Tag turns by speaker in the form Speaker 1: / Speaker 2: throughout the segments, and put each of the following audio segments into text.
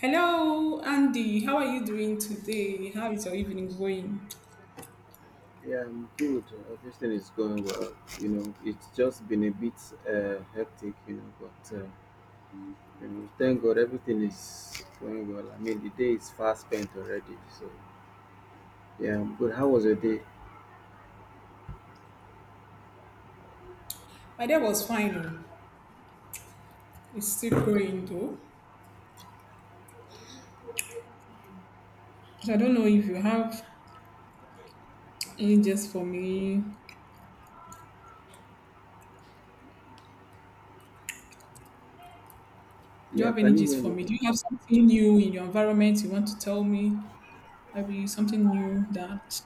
Speaker 1: Hello, Andy. How are you doing today? How is your evening going?
Speaker 2: Yeah, I'm good. Everything is going well. You know, it's just been a bit hectic, you know, but you know, thank God everything is going well. I mean, the day is fast spent already. So, yeah, I'm good. How was your day?
Speaker 1: My day was fine. Oh, it's still going though. So I don't know if you have any gist for me. Do you
Speaker 2: Yeah,
Speaker 1: have
Speaker 2: can
Speaker 1: any
Speaker 2: you
Speaker 1: gist
Speaker 2: hear
Speaker 1: for
Speaker 2: me?
Speaker 1: me? Do you have something new in your environment you want to tell me? Maybe something new that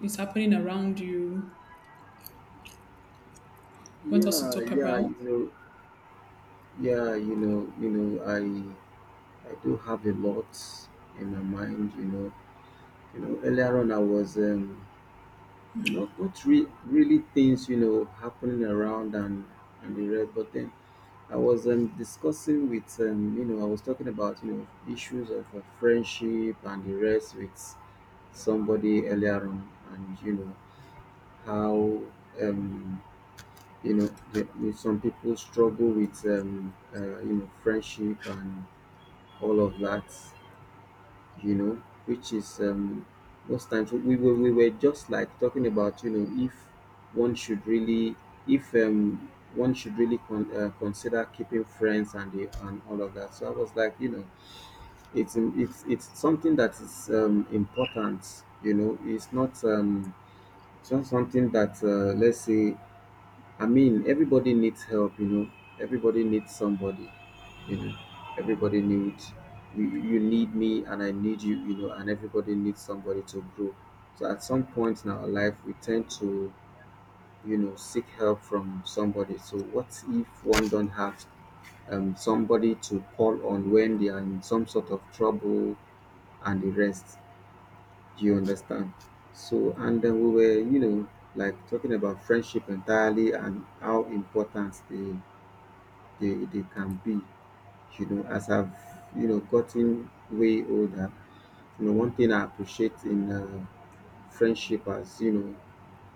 Speaker 1: is happening around you. You want us to
Speaker 2: Yeah,
Speaker 1: talk about?
Speaker 2: yeah, you know, I do have a lot in my mind, you know. You know, earlier on I was you know, not really things, you know, happening around and the rest, but then I was discussing with, you know, I was talking about, you know, issues of friendship and the rest with somebody earlier on, and, you know, how, you know, the, with some people struggle with, you know, friendship and all of that, you know, which is most times we were just like talking about, you know, if one should really, if one should really consider keeping friends and the, and all of that. So I was like, you know, it's something that is important. You know, it's not something that let's say. I mean, everybody needs help. You know, everybody needs somebody, you know, everybody needs, you need me and I need you, you know, and everybody needs somebody to grow. So at some point in our life we tend to, you know, seek help from somebody. So what if one don't have somebody to call on when they are in some sort of trouble and the rest? Do you understand? So and then we were, you know, like talking about friendship entirely and how important they can be. You know, as I've, you know, gotten way older, you know, one thing I appreciate in friendship has, you know,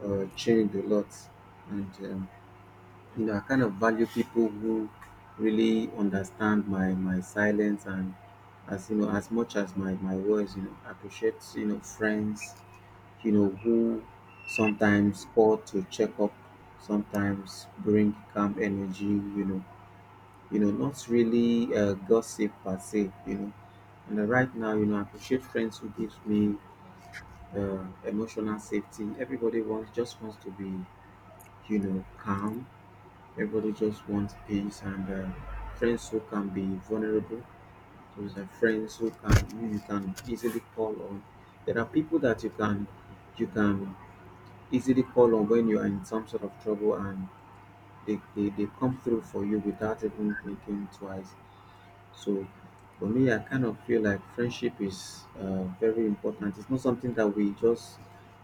Speaker 2: changed a lot. And, you know, I kind of value people who really understand my silence and as, you know, as much as my words, you know, I appreciate, you know, friends, you know, who sometimes call to check up, sometimes bring calm energy, you know, not really gossip per se, you know, and right now, you know, I appreciate friends who gives me uh, emotional safety. Everybody wants just wants to be, you know, calm. Everybody just wants peace, and friends who can be vulnerable. Those are friends who can, who you can easily call on. There are people that you can, you can easily call on when you are in some sort of trouble, and they come through for you without even thinking twice. So for me, I kind of feel like friendship is very important. It's not something that we just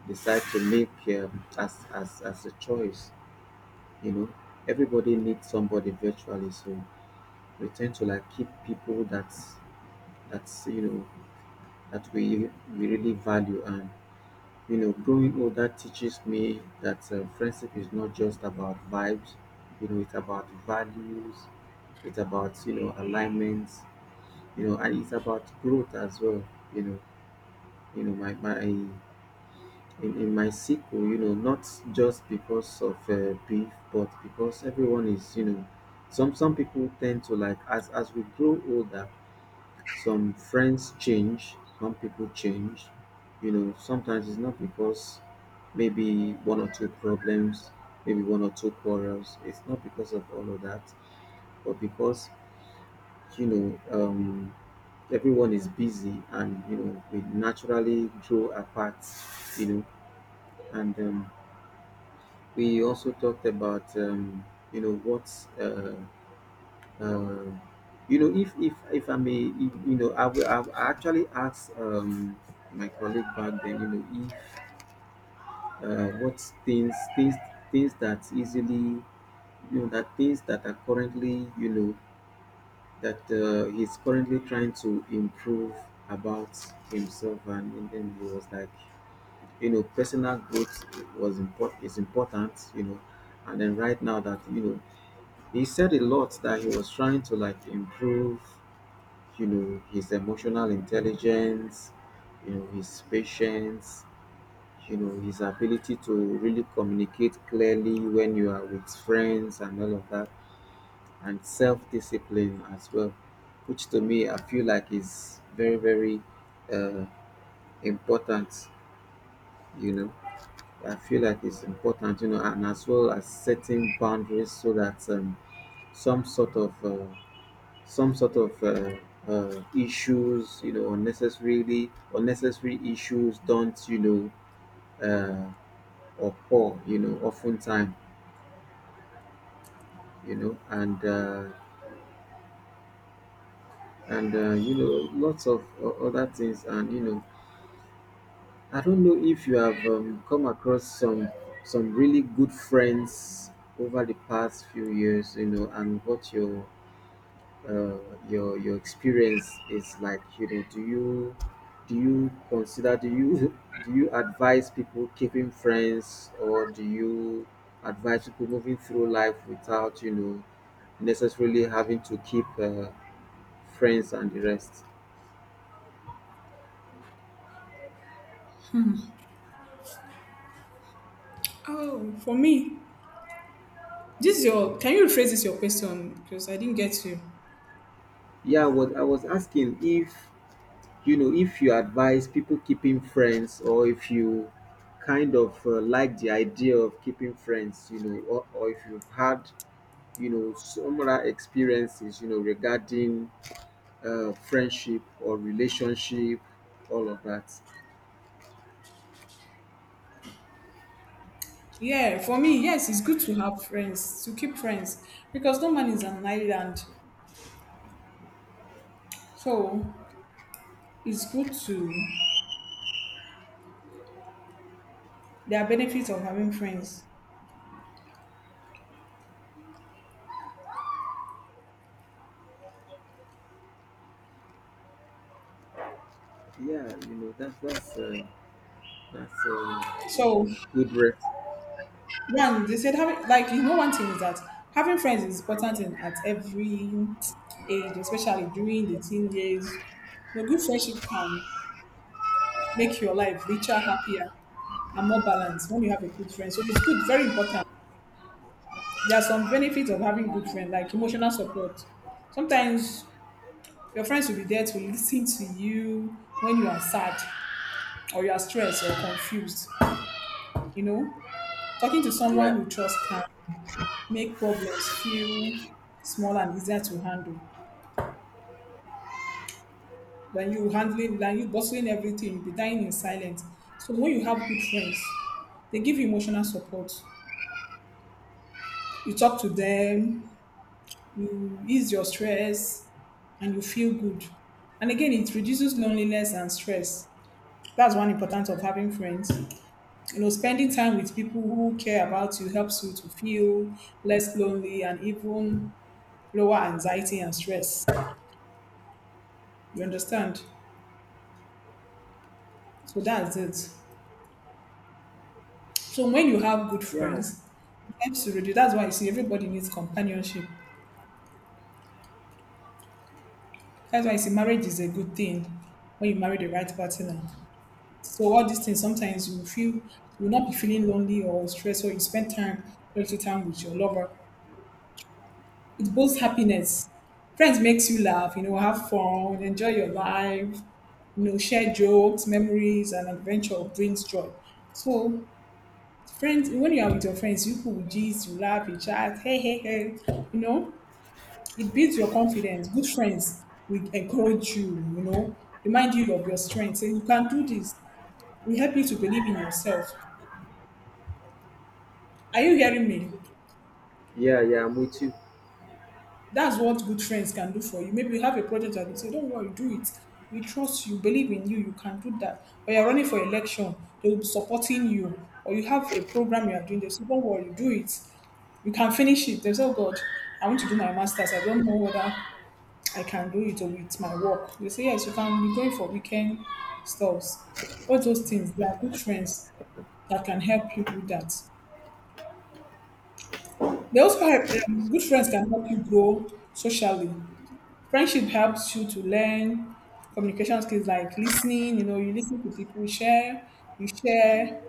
Speaker 2: decide to make as, as a choice. You know, everybody needs somebody virtually. So we tend to like keep people that, that's, you know, that we really value. And you know, growing older teaches me that friendship is not just about vibes. You know, it's about values. It's about, you know, alignments, you know, and it's about growth as well, you know, you know, my in my circle, you know, not just because of beef, but because everyone is, you know, some people tend to like, as we grow older, some friends change, some people change. You know, sometimes it's not because maybe one or two problems, maybe one or two quarrels. It's not because of all of that, but because, you know, everyone is busy and, you know, we naturally grow apart, you know. And we also talked about, you know what, uh, uh, you know, if I may, you know, I will actually asked my colleague back then, you know, if what things that easily, you know, that things that are currently, you know, that he's currently trying to improve about himself. And then he was like, you know, personal growth was important, is important, you know. And then right now that, you know, he said a lot that he was trying to like improve, you know, his emotional intelligence, you know, his patience, you know, his ability to really communicate clearly when you are with friends and all of that, and self-discipline as well, which to me I feel like is very very uh, important, you know. I feel like it's important, you know, and as well as setting boundaries so that some sort of some sort of uh, issues, you know, unnecessarily unnecessary issues don't, you know, occur, you know, oftentimes, you know. And you know, lots of other things, and you know, I don't know if you have come across some really good friends over the past few years, you know, and what uh, your experience is like, you know. Do you, do you consider, do you do you advise people keeping friends, or do you advise people moving through life without, you know, necessarily having to keep friends and the rest?
Speaker 1: Oh, for me, this is your— can you rephrase this your question, because I didn't get you.
Speaker 2: Yeah, what I was asking if, you know, if you advise people keeping friends, or if you kind of like the idea of keeping friends, you know, or if you've had, you know, similar experiences, you know, regarding friendship or relationship, all of that.
Speaker 1: Yeah, for me, yes, it's good to have friends, to keep friends, because no man is an island. So it's good to, there are benefits of having friends.
Speaker 2: Yeah, you know that, that's that's um,
Speaker 1: So,
Speaker 2: good ref.
Speaker 1: one, they said, having, one thing is that having friends is important in, at every age, especially during the teen years. You know, good friendship can make your life richer, happier, and more balanced when you have a good friend. So it's good, very important. There are some benefits of having good friends, like emotional support. Sometimes your friends will be there to listen to you when you are sad or you are stressed or confused. You know, talking to
Speaker 2: Yeah,
Speaker 1: someone you trust can make problems feel small and easier to handle than you handling, than you bustling everything. You'll be dying in silence. So when you have good friends, they give you emotional support. You talk to them, you ease your stress, and you feel good. And again, it reduces loneliness and stress. That's one importance of having friends. You know, spending time with people who care about you helps you to feel less lonely and even lower anxiety and stress. You understand? So that's it. So when you have good
Speaker 2: yeah,
Speaker 1: friends, it helps to reduce. That's why you see everybody needs companionship. That's why you see marriage is a good thing when you marry the right partner. So all these things, sometimes you feel you will not be feeling lonely or stressed, or you spend time, quality time with your lover. It boasts happiness. Friends makes you laugh, you know, have fun, enjoy your life, you know, share jokes, memories, and adventure brings joy. So friends, when you are with your friends, you could gist, you laugh, you chat, hey, hey, hey, you know, it builds your confidence. Good friends will encourage you, you know, remind you of your strengths, say you can do this. We help you to believe in yourself. Are you hearing me?
Speaker 2: yeah, yeah, I'm with you.
Speaker 1: That's what good friends can do for you. Maybe you have a project and they say, don't worry, do it. We trust you, believe in you, you can do that. Or you're running for election, they will be supporting you. Or you have a program you are doing, they say, don't worry, do it. You can finish it. They say, oh God, I want to do my master's. I don't know whether I can do it or with my work. They say, yes, you can be going for weekend stuffs. All those things, they are good friends that can help you do that. They also help, good friends can help you grow socially. Friendship helps you to learn communication skills like listening, you know, you listen to people, share,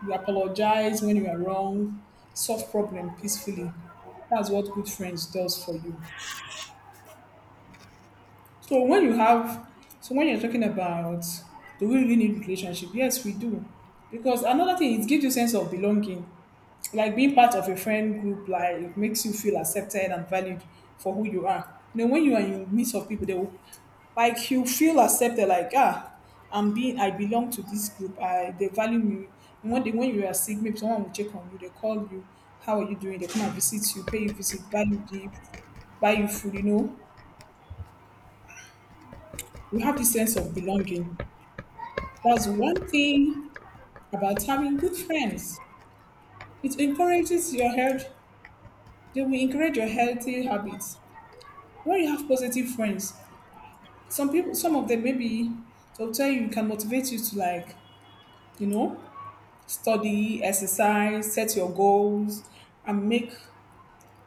Speaker 1: you apologize when you are wrong, solve problem peacefully. That's what good friends does for you. So when you have, so when you're talking about, do we really need relationship? Yes, we do, because another thing, it gives you sense of belonging, like being part of a friend group. Like it makes you feel accepted and valued for who you are. You know, when you are in the midst of people, they will, like you feel accepted. Like, ah, I'm being, I belong to this group. I they value me. And when they, when you are sick, maybe someone will check on you. They call you. How are you doing? They come and visit you, pay you visit, value gifts, buy you food, you know, you have the sense of belonging. That's one thing about having good friends. It encourages your health. They will encourage your healthy habits. When you have positive friends, some people, some of them maybe they'll tell you, can motivate you to like, you know, study, exercise, set your goals, and make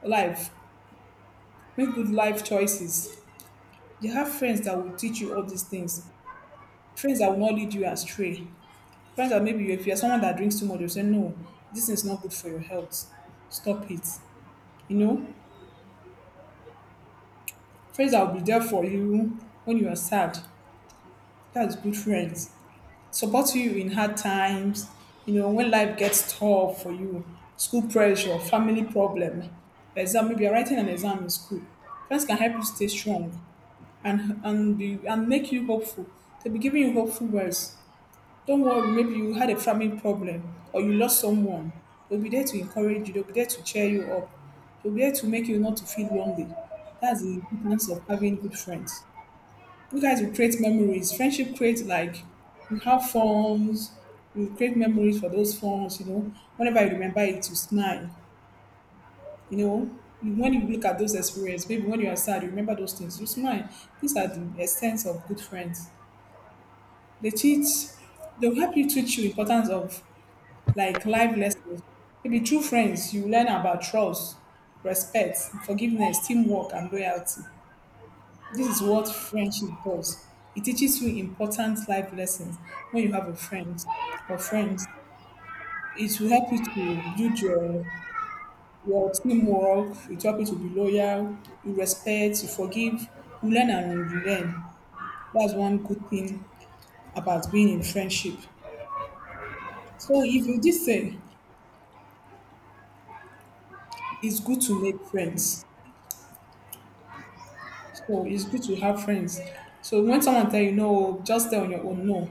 Speaker 1: life, make good life choices. You have friends that will teach you all these things. Friends that will not lead you astray. Friends that all, maybe you, if you're someone that drinks too much, you'll say, no, this is not good for your health. Stop it. You know, friends that will be there for you when you are sad. That's good friends. Support you in hard times. You know, when life gets tough for you, school pressure, family problem, exam, maybe you're writing an exam in school. Friends can help you stay strong and be and make you hopeful. They'll be giving you hopeful words. Don't worry, maybe you had a family problem or you lost someone. They'll be there to encourage you, they'll be there to cheer you up, they'll be there to make you not to feel lonely. That's the importance of having good friends. You guys will create memories. Friendship creates, like you have forms, you create memories for those forms, you know. Whenever you remember it, you smile. You know, you— when you look at those experiences, maybe when you are sad, you remember those things, you smile. These are the essence of good friends. They teach, they'll help you teach you importance of like life lessons. Maybe through friends, you learn about trust, respect, forgiveness, teamwork, and loyalty. This is what friendship does. It teaches you important life lessons when you have a friend or friends. It will help you to build your teamwork. It will help you to be loyal. You respect. You forgive. You learn and you learn. That's one good thing about being in friendship. So if you did say it's good to make friends, so it's good to have friends. So when someone tell you no, just stay on your own. No,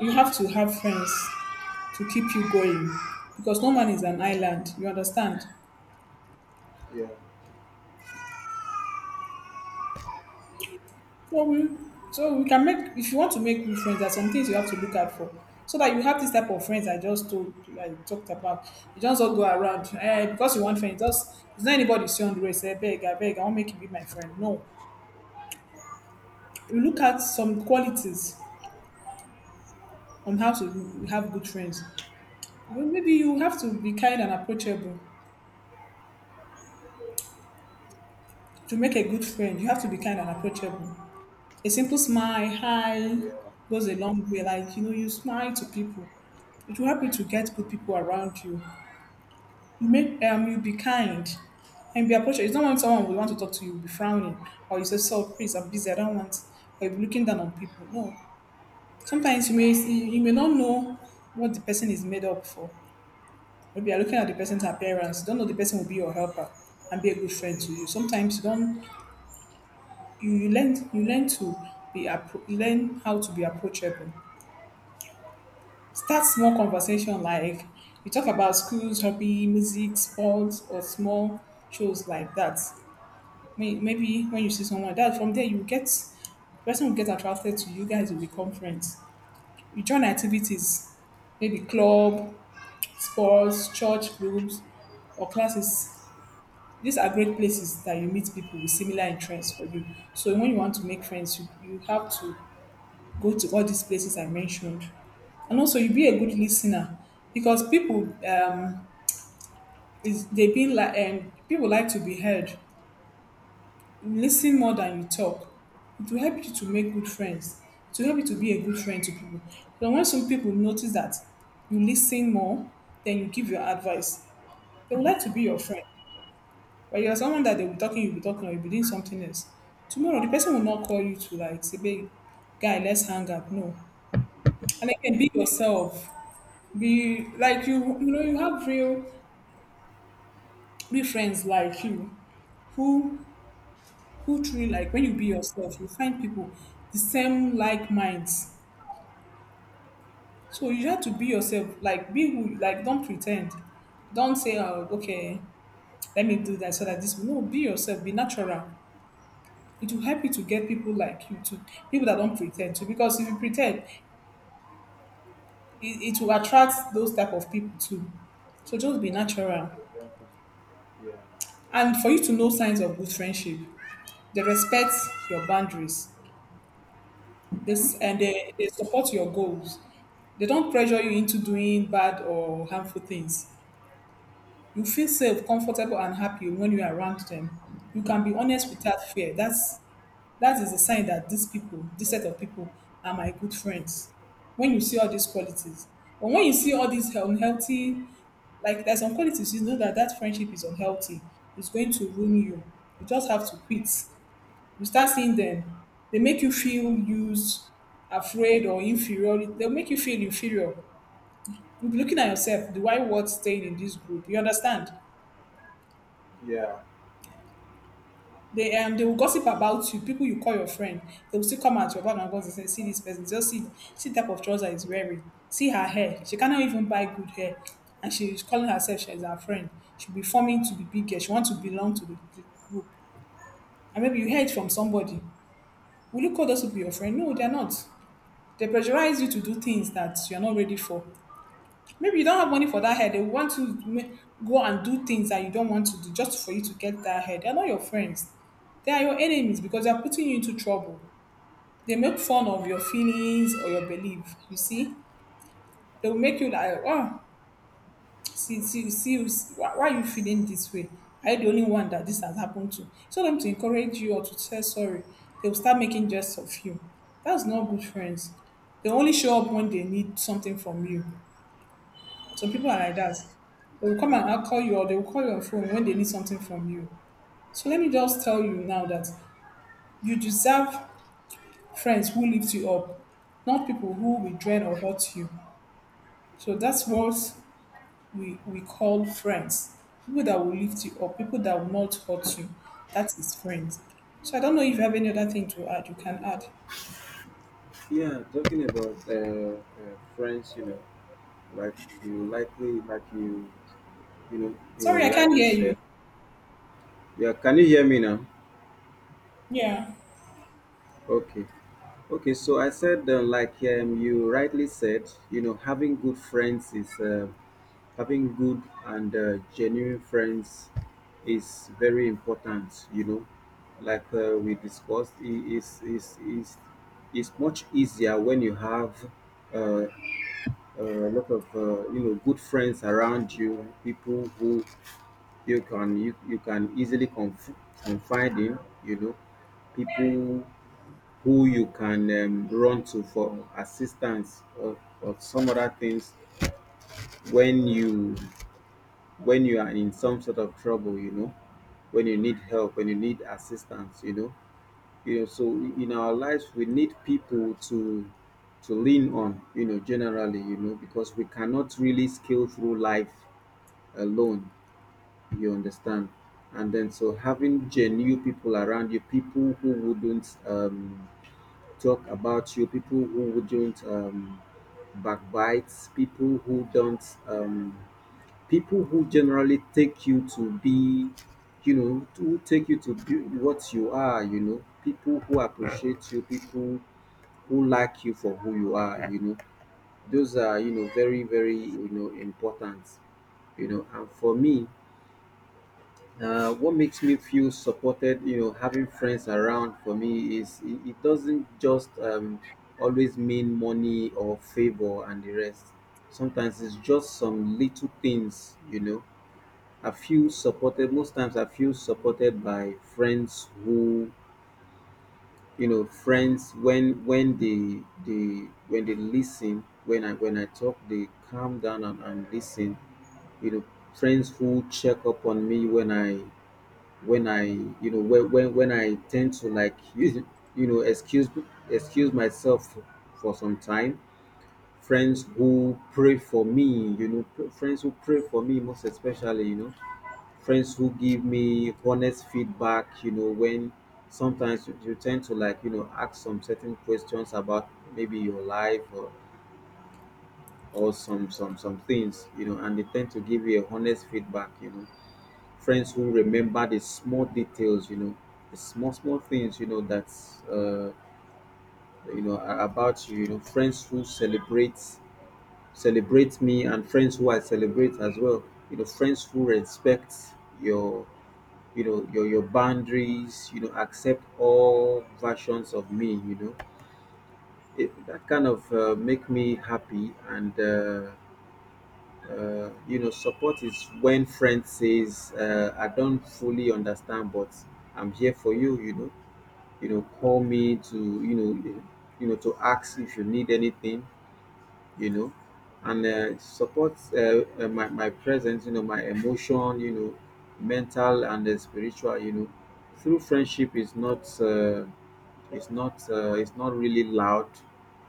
Speaker 1: you have to have friends to keep you going, because no man is an island. You understand?
Speaker 2: Yeah,
Speaker 1: So we, so we can make, if you want to make new friends, there are some things you have to look out for, so that you have this type of friends I just told, I talked about. You just don't go around, eh, because you want friends. Just it's not anybody you see on the road say beg, I want make you be my friend. No, you look at some qualities on how to have good friends. Well, maybe you have to be kind and approachable. To make a good friend, you have to be kind and approachable. A simple smile, hi,
Speaker 2: yeah,
Speaker 1: goes a long way. Like, you know, you smile to people. It will help you to get good people around you. You make, you be kind and be approachable. It's not when someone will want to talk to you, will be frowning, or you say, so please, I'm busy, I don't want, or you'll be looking down on people. No. Sometimes you may see, you may not know what the person is made up for. Maybe you're looking at the person's appearance. You don't know the person will be your helper and be a good friend to you. Sometimes you don't, you, you learn to be learn how to be approachable. Start small conversation, like you talk about schools, hobby, music, sports, or small shows like that. Maybe when you see someone that from there you get the person will get attracted to you guys will become friends. You join activities, maybe club, sports, church groups, or classes. These are great places that you meet people with similar interests for you. So when you want to make friends, you have to go to all these places I mentioned. And also, you be a good listener, because people is they being like people like to be heard. Listen more than you talk. It will help you to make good friends. It will help you to be a good friend to people. So when some people notice that you listen more, then you give your advice, they would like to be your friend. But you're someone that they'll be talking, you'll be talking, or you'll be doing something else. Tomorrow, the person will not call you to like say, babe, guy, let's hang up. No. And again, be yourself. Be like you know, you have real, real friends like you who who truly like when you be yourself, you find people the same like minds. So you have to be yourself, like be who, like don't pretend. Don't say, oh, okay, let me do that so that this will, no, be yourself, be natural. It will help you to get people like you too, people that don't pretend to. Because if you pretend, it will attract those type of people too. So just be natural.
Speaker 2: exactly. Yeah,
Speaker 1: And for you to know signs of good friendship, they respect your boundaries. This, and they support your goals. They don't pressure you into doing bad or harmful things. You feel safe, comfortable, and happy when you are around them. You can be honest without fear. That is a sign that these people, this set of people, are my good friends. When you see all these qualities, but when you see all these unhealthy, like there's some qualities you know that that friendship is unhealthy, it's going to ruin you. You just have to quit. You start seeing them, they make you feel used, afraid, or inferior. They'll make you feel inferior. You'll be looking at yourself, do I worth staying in this group? You understand?
Speaker 2: yeah.
Speaker 1: They will gossip about you. People you call your friend, they will still come at your back and gossip, and say, see this person, just see the type of trouser he's wearing. See her hair. She cannot even buy good hair, and she's calling herself she's our friend. She'll be forming to be bigger. She wants to belong to the group. And maybe you heard from somebody. Will you call those people your friend? No, they're not. They pressurize you to do things that you're not ready for. Maybe you don't have money for that head. They want to go and do things that you don't want to do just for you to get that head. They're not your friends. They are your enemies because they're putting you into trouble. They make fun of your feelings or your belief. You see, they will make you like, oh, see why are you feeling this way? Are you the only one that this has happened to? Tell them to encourage you or to say sorry. They will start making jests of you. That's not good friends. They only show up when they need something from you. Some people are like that. They will come and I'll call you, or they will call you on phone when they need something from you. So let me just tell you now that you deserve friends who lift you up, not people who will drain or hurt you. So that's what we call friends. People that will lift you up, people that will not hurt you. That is friends. So I don't know if you have any other thing to add, you can add.
Speaker 2: Yeah, talking about friends, you know, like, you likely like you know, you know
Speaker 1: Sorry, I can't
Speaker 2: rightly
Speaker 1: hear
Speaker 2: said.
Speaker 1: you.
Speaker 2: Yeah, can you hear me now?
Speaker 1: Yeah.
Speaker 2: Okay. Okay, so I said, like you rightly said, you know, having good friends is having good and genuine friends is very important. You know, like we discussed, is much easier when you have uh, a lot of you know, good friends around you, people who you can you, you can easily confide in. You know, people who you can run to for assistance or some other things when you, when you are in some sort of trouble, you know, when you need help, when you need assistance, you know, you know, so in our lives we need people to lean on, you know, generally, you know, because we cannot really scale through life alone. You understand? And then so having genuine people around you, people who wouldn't talk about you, people who wouldn't backbite, people who don't, people who generally take you to be, you know, to take you to be what you are, you know, people who appreciate you, people who like you for who you are, you know, those are, you know, very, very, you know, important, you know. And for me, what makes me feel supported, you know, having friends around for me is it, it doesn't just always mean money or favor and the rest. Sometimes it's just some little things, you know. I feel supported most times. I feel supported by friends who, you know, friends when they when they listen, when I talk, they calm down and listen. You know, friends who check up on me when I, you know, when I tend to like, you know, excuse myself for some time. Friends who pray for me, you know, friends who pray for me most especially, you know, friends who give me honest feedback, you know, when sometimes you, you tend to like, you know, ask some certain questions about maybe your life or some things, you know, and they tend to give you a honest feedback, you know, friends who remember the small details, you know, the small things, you know, that's you know, about you, you know, friends who celebrate me and friends who I celebrate as well, you know, friends who respect your, you know, your boundaries, you know, accept all versions of me, you know, it, that kind of make me happy. And you know, support is when friend says, I don't fully understand, but I'm here for you, you know, you know, call me to, you know, you know, to ask if you need anything, you know. And support my, my presence, you know, my emotion, you know, mental and spiritual, you know, through friendship is not it's not really loud,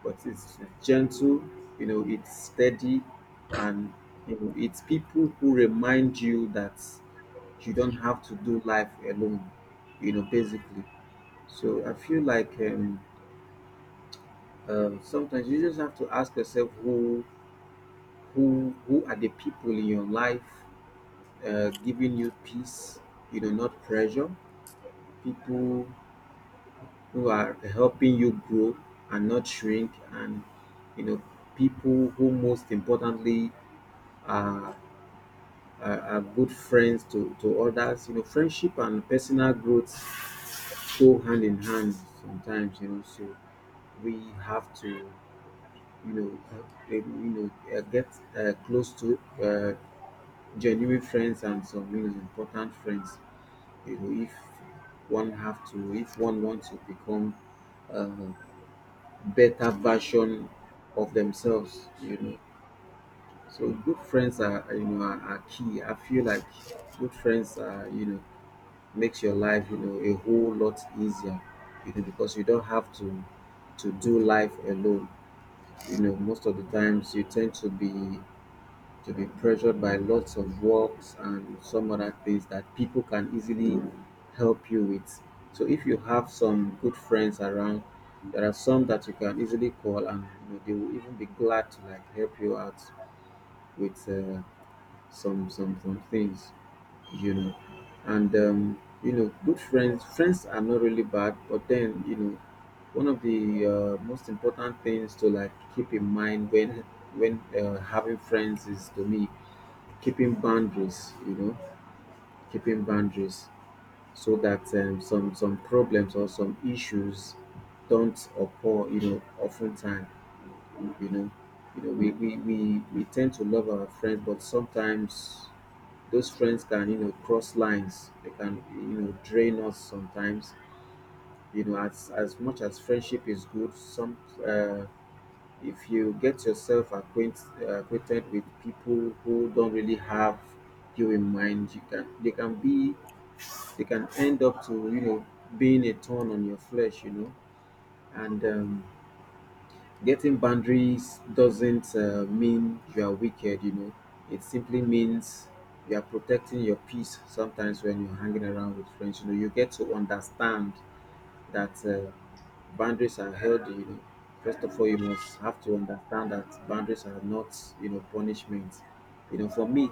Speaker 2: but it's gentle. You know, it's steady, and you know, it's people who remind you that you don't have to do life alone. You know, basically. So I feel like sometimes you just have to ask yourself who are the people in your life giving you peace. You know, not pressure. People who are helping you grow and not shrink, and you know, people who most importantly are, are good friends to others, you know. Friendship and personal growth go hand in hand sometimes, you know. So we have to you know uh, um, get close to genuine friends and some, you know, important friends, you know. If one have to if one wants to become uh, better version of themselves, you know. So good friends are, you know are key, I feel like. Good friends are, you know, makes your life, you know, a whole lot easier, you know, because you don't have to do life alone, you know. Most of the times you tend to be pressured by lots of works and some other things that people can easily help you with. So if you have some good friends around, there are some that you can easily call, and you know, they will even be glad to like help you out with some things, you know. And you know, good friends are not really bad, but then you know, one of the most important things to like keep in mind when having friends is, to me, keeping boundaries, you know. Keeping boundaries so that some problems or some issues don't occur, you know, oftentimes. You know, we tend to love our friends, but sometimes those friends can, you know, cross lines, they can, you know, drain us sometimes, you know. As much as friendship is good, some uh, if you get yourself acquainted with people who don't really have you in mind, you can they can be, they can end up to, you know, being a thorn on your flesh, you know. And getting boundaries doesn't mean you are wicked, you know. It simply means you are protecting your peace. Sometimes when you're hanging around with friends, you know, you get to understand that. Boundaries are held, you know. First of all, you must have to understand that boundaries are not, you know, punishment, you know. For me,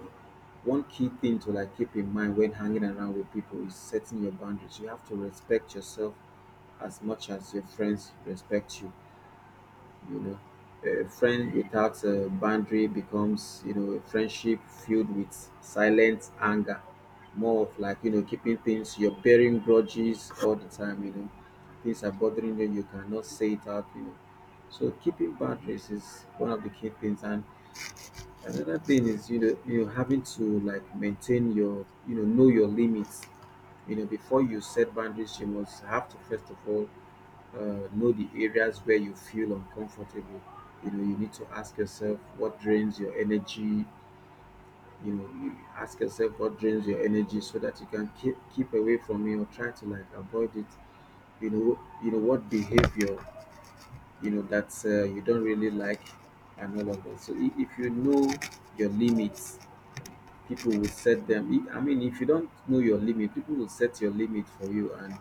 Speaker 2: one key thing to like keep in mind when hanging around with people is setting your boundaries. You have to respect yourself as much as your friends respect you, you know. A friend without a boundary becomes, you know, a friendship filled with silent anger, more of like, you know, keeping things, you're bearing grudges all the time, you know, things are bothering you, you cannot say it out, you know. So keeping boundaries is one of the key things, and another thing is, you know, you know, having to like maintain your, you know your limits, you know. Before you set boundaries, you must have to first of all know the areas where you feel uncomfortable, you know. You need to ask yourself what drains your energy, you know. You ask yourself what drains your energy so that you can keep away from it or try to like avoid it, you know. You know what behavior, you know, that you don't really like and all of that. So if you know your limits, people will set them I mean, if you don't know your limit, people will set your limit for you, and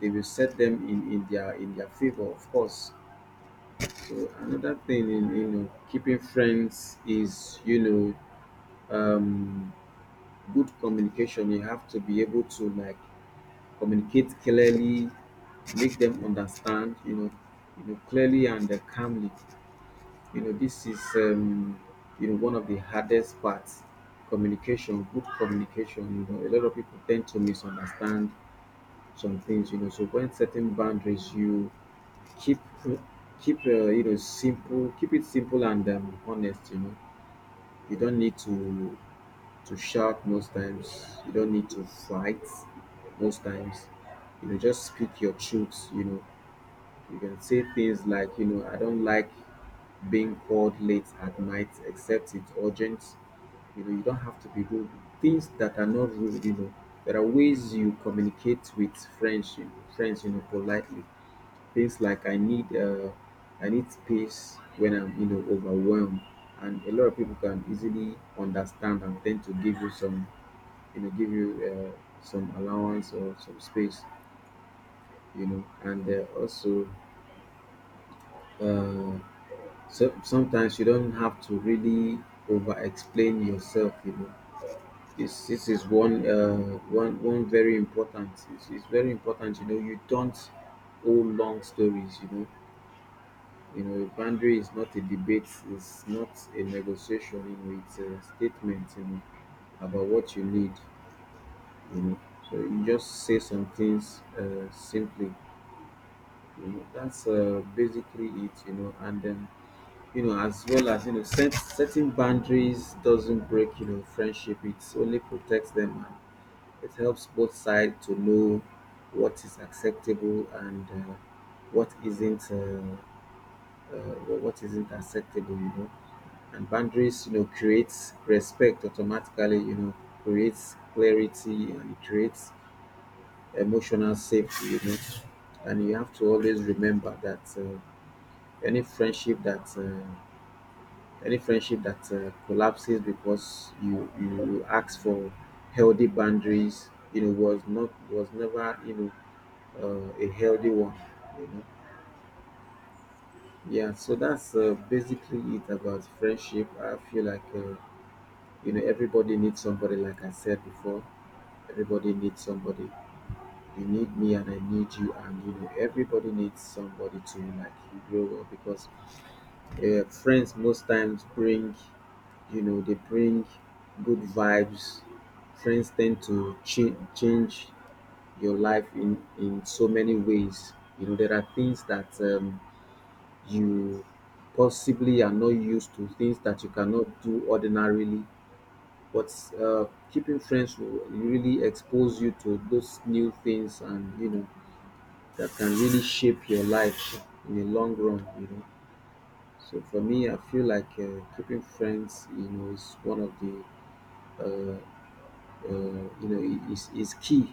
Speaker 2: they will set them in their favor, of course. So another thing in, you know, keeping friends is, you know, um, good communication. You have to be able to like communicate clearly, make them understand. You know clearly and calmly. You know, this is you know, one of the hardest parts. Communication, good communication. You know, a lot of people tend to misunderstand some things. You know, so when setting boundaries, you keep keep you know, simple, keep it simple and honest, you know. You don't need to shout most times, you don't need to fight most times, you know, just speak your truth, you know. You can say things like, you know, I don't like being called late at night except it's urgent, you know. You don't have to be rude, things that are not rude, you know. There are ways you communicate with friends, you friends you know, politely, things like, I need space when I'm, you know, overwhelmed, and a lot of people can easily understand and tend to give you some, you know, give you some allowance or some space, you know. And also uh, so, sometimes you don't have to really over explain yourself, you know. This is one one very important. It's very important, you know. You don't owe long stories, you know. You know, a boundary is not a debate, it's not a negotiation, you know, it's a statement, you know, about what you need, you know. So you just say some things simply, you know, that's basically it, you know. And then, you know, as well as, you know, setting boundaries doesn't break, you know, friendship, it only protects them, and it helps both sides to know what is acceptable and what isn't, uh, uh, what isn't acceptable, you know. And boundaries, you know, creates respect automatically, you know, creates clarity, and it creates emotional safety, you know. And you have to always remember that any friendship that uh, any friendship that collapses because you ask for healthy boundaries, you know, was never, you know, a healthy one, you know. Yeah. So that's basically it about friendship. I feel like you know, everybody needs somebody. Like I said before, everybody needs somebody. You need me and I need you, and you know, everybody needs somebody to like grow well, because friends most times bring, you know, they bring good vibes. Friends tend to change your life in so many ways, you know. There are things that you possibly are not used to, things that you cannot do ordinarily, but uh, keeping friends will really expose you to those new things, and you know, that can really shape your life in the long run, you know. So for me, I feel like keeping friends, you know, is one of the uh, you know, is key,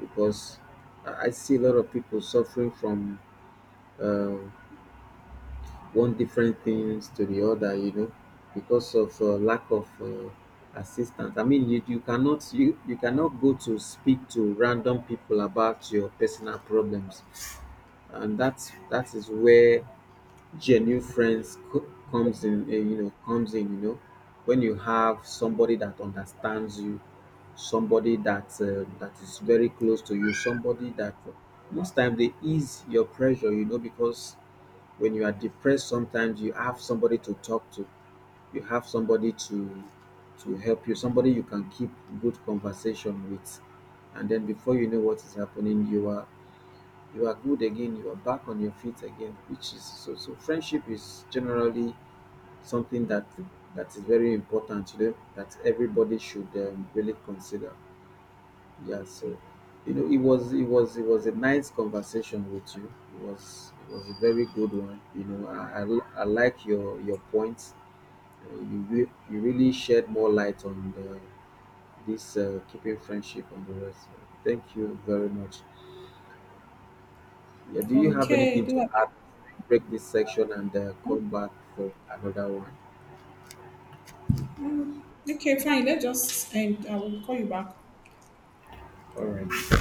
Speaker 2: because I see a lot of people suffering from uh, one different things to the other, you know, because of lack of assistance. I mean, you cannot go to speak to random people about your personal problems, and that is where genuine friends comes in. You know, comes in. You know, when you have somebody that understands you, somebody that is very close to you, somebody that most time they ease your pressure. You know, because when you are depressed, sometimes you have somebody to talk to, you have somebody to help you, somebody you can keep good conversation with. And then before you know what is happening, you are, you are good again, you are back on your feet again, which is so friendship is generally something that is very important, you know, that everybody should really consider. Yeah. So you know, it was it was a nice conversation with you. It was, it was a very good one. You know, I like your points. You you really shed more light on this keeping friendship and the rest. Thank you very much. Yeah, do you have
Speaker 1: Okay,
Speaker 2: anything
Speaker 1: do
Speaker 2: to
Speaker 1: I?
Speaker 2: add? Break this section and come back for another one.
Speaker 1: Mm, okay, fine. Let's just end. I will call you back.
Speaker 2: All right.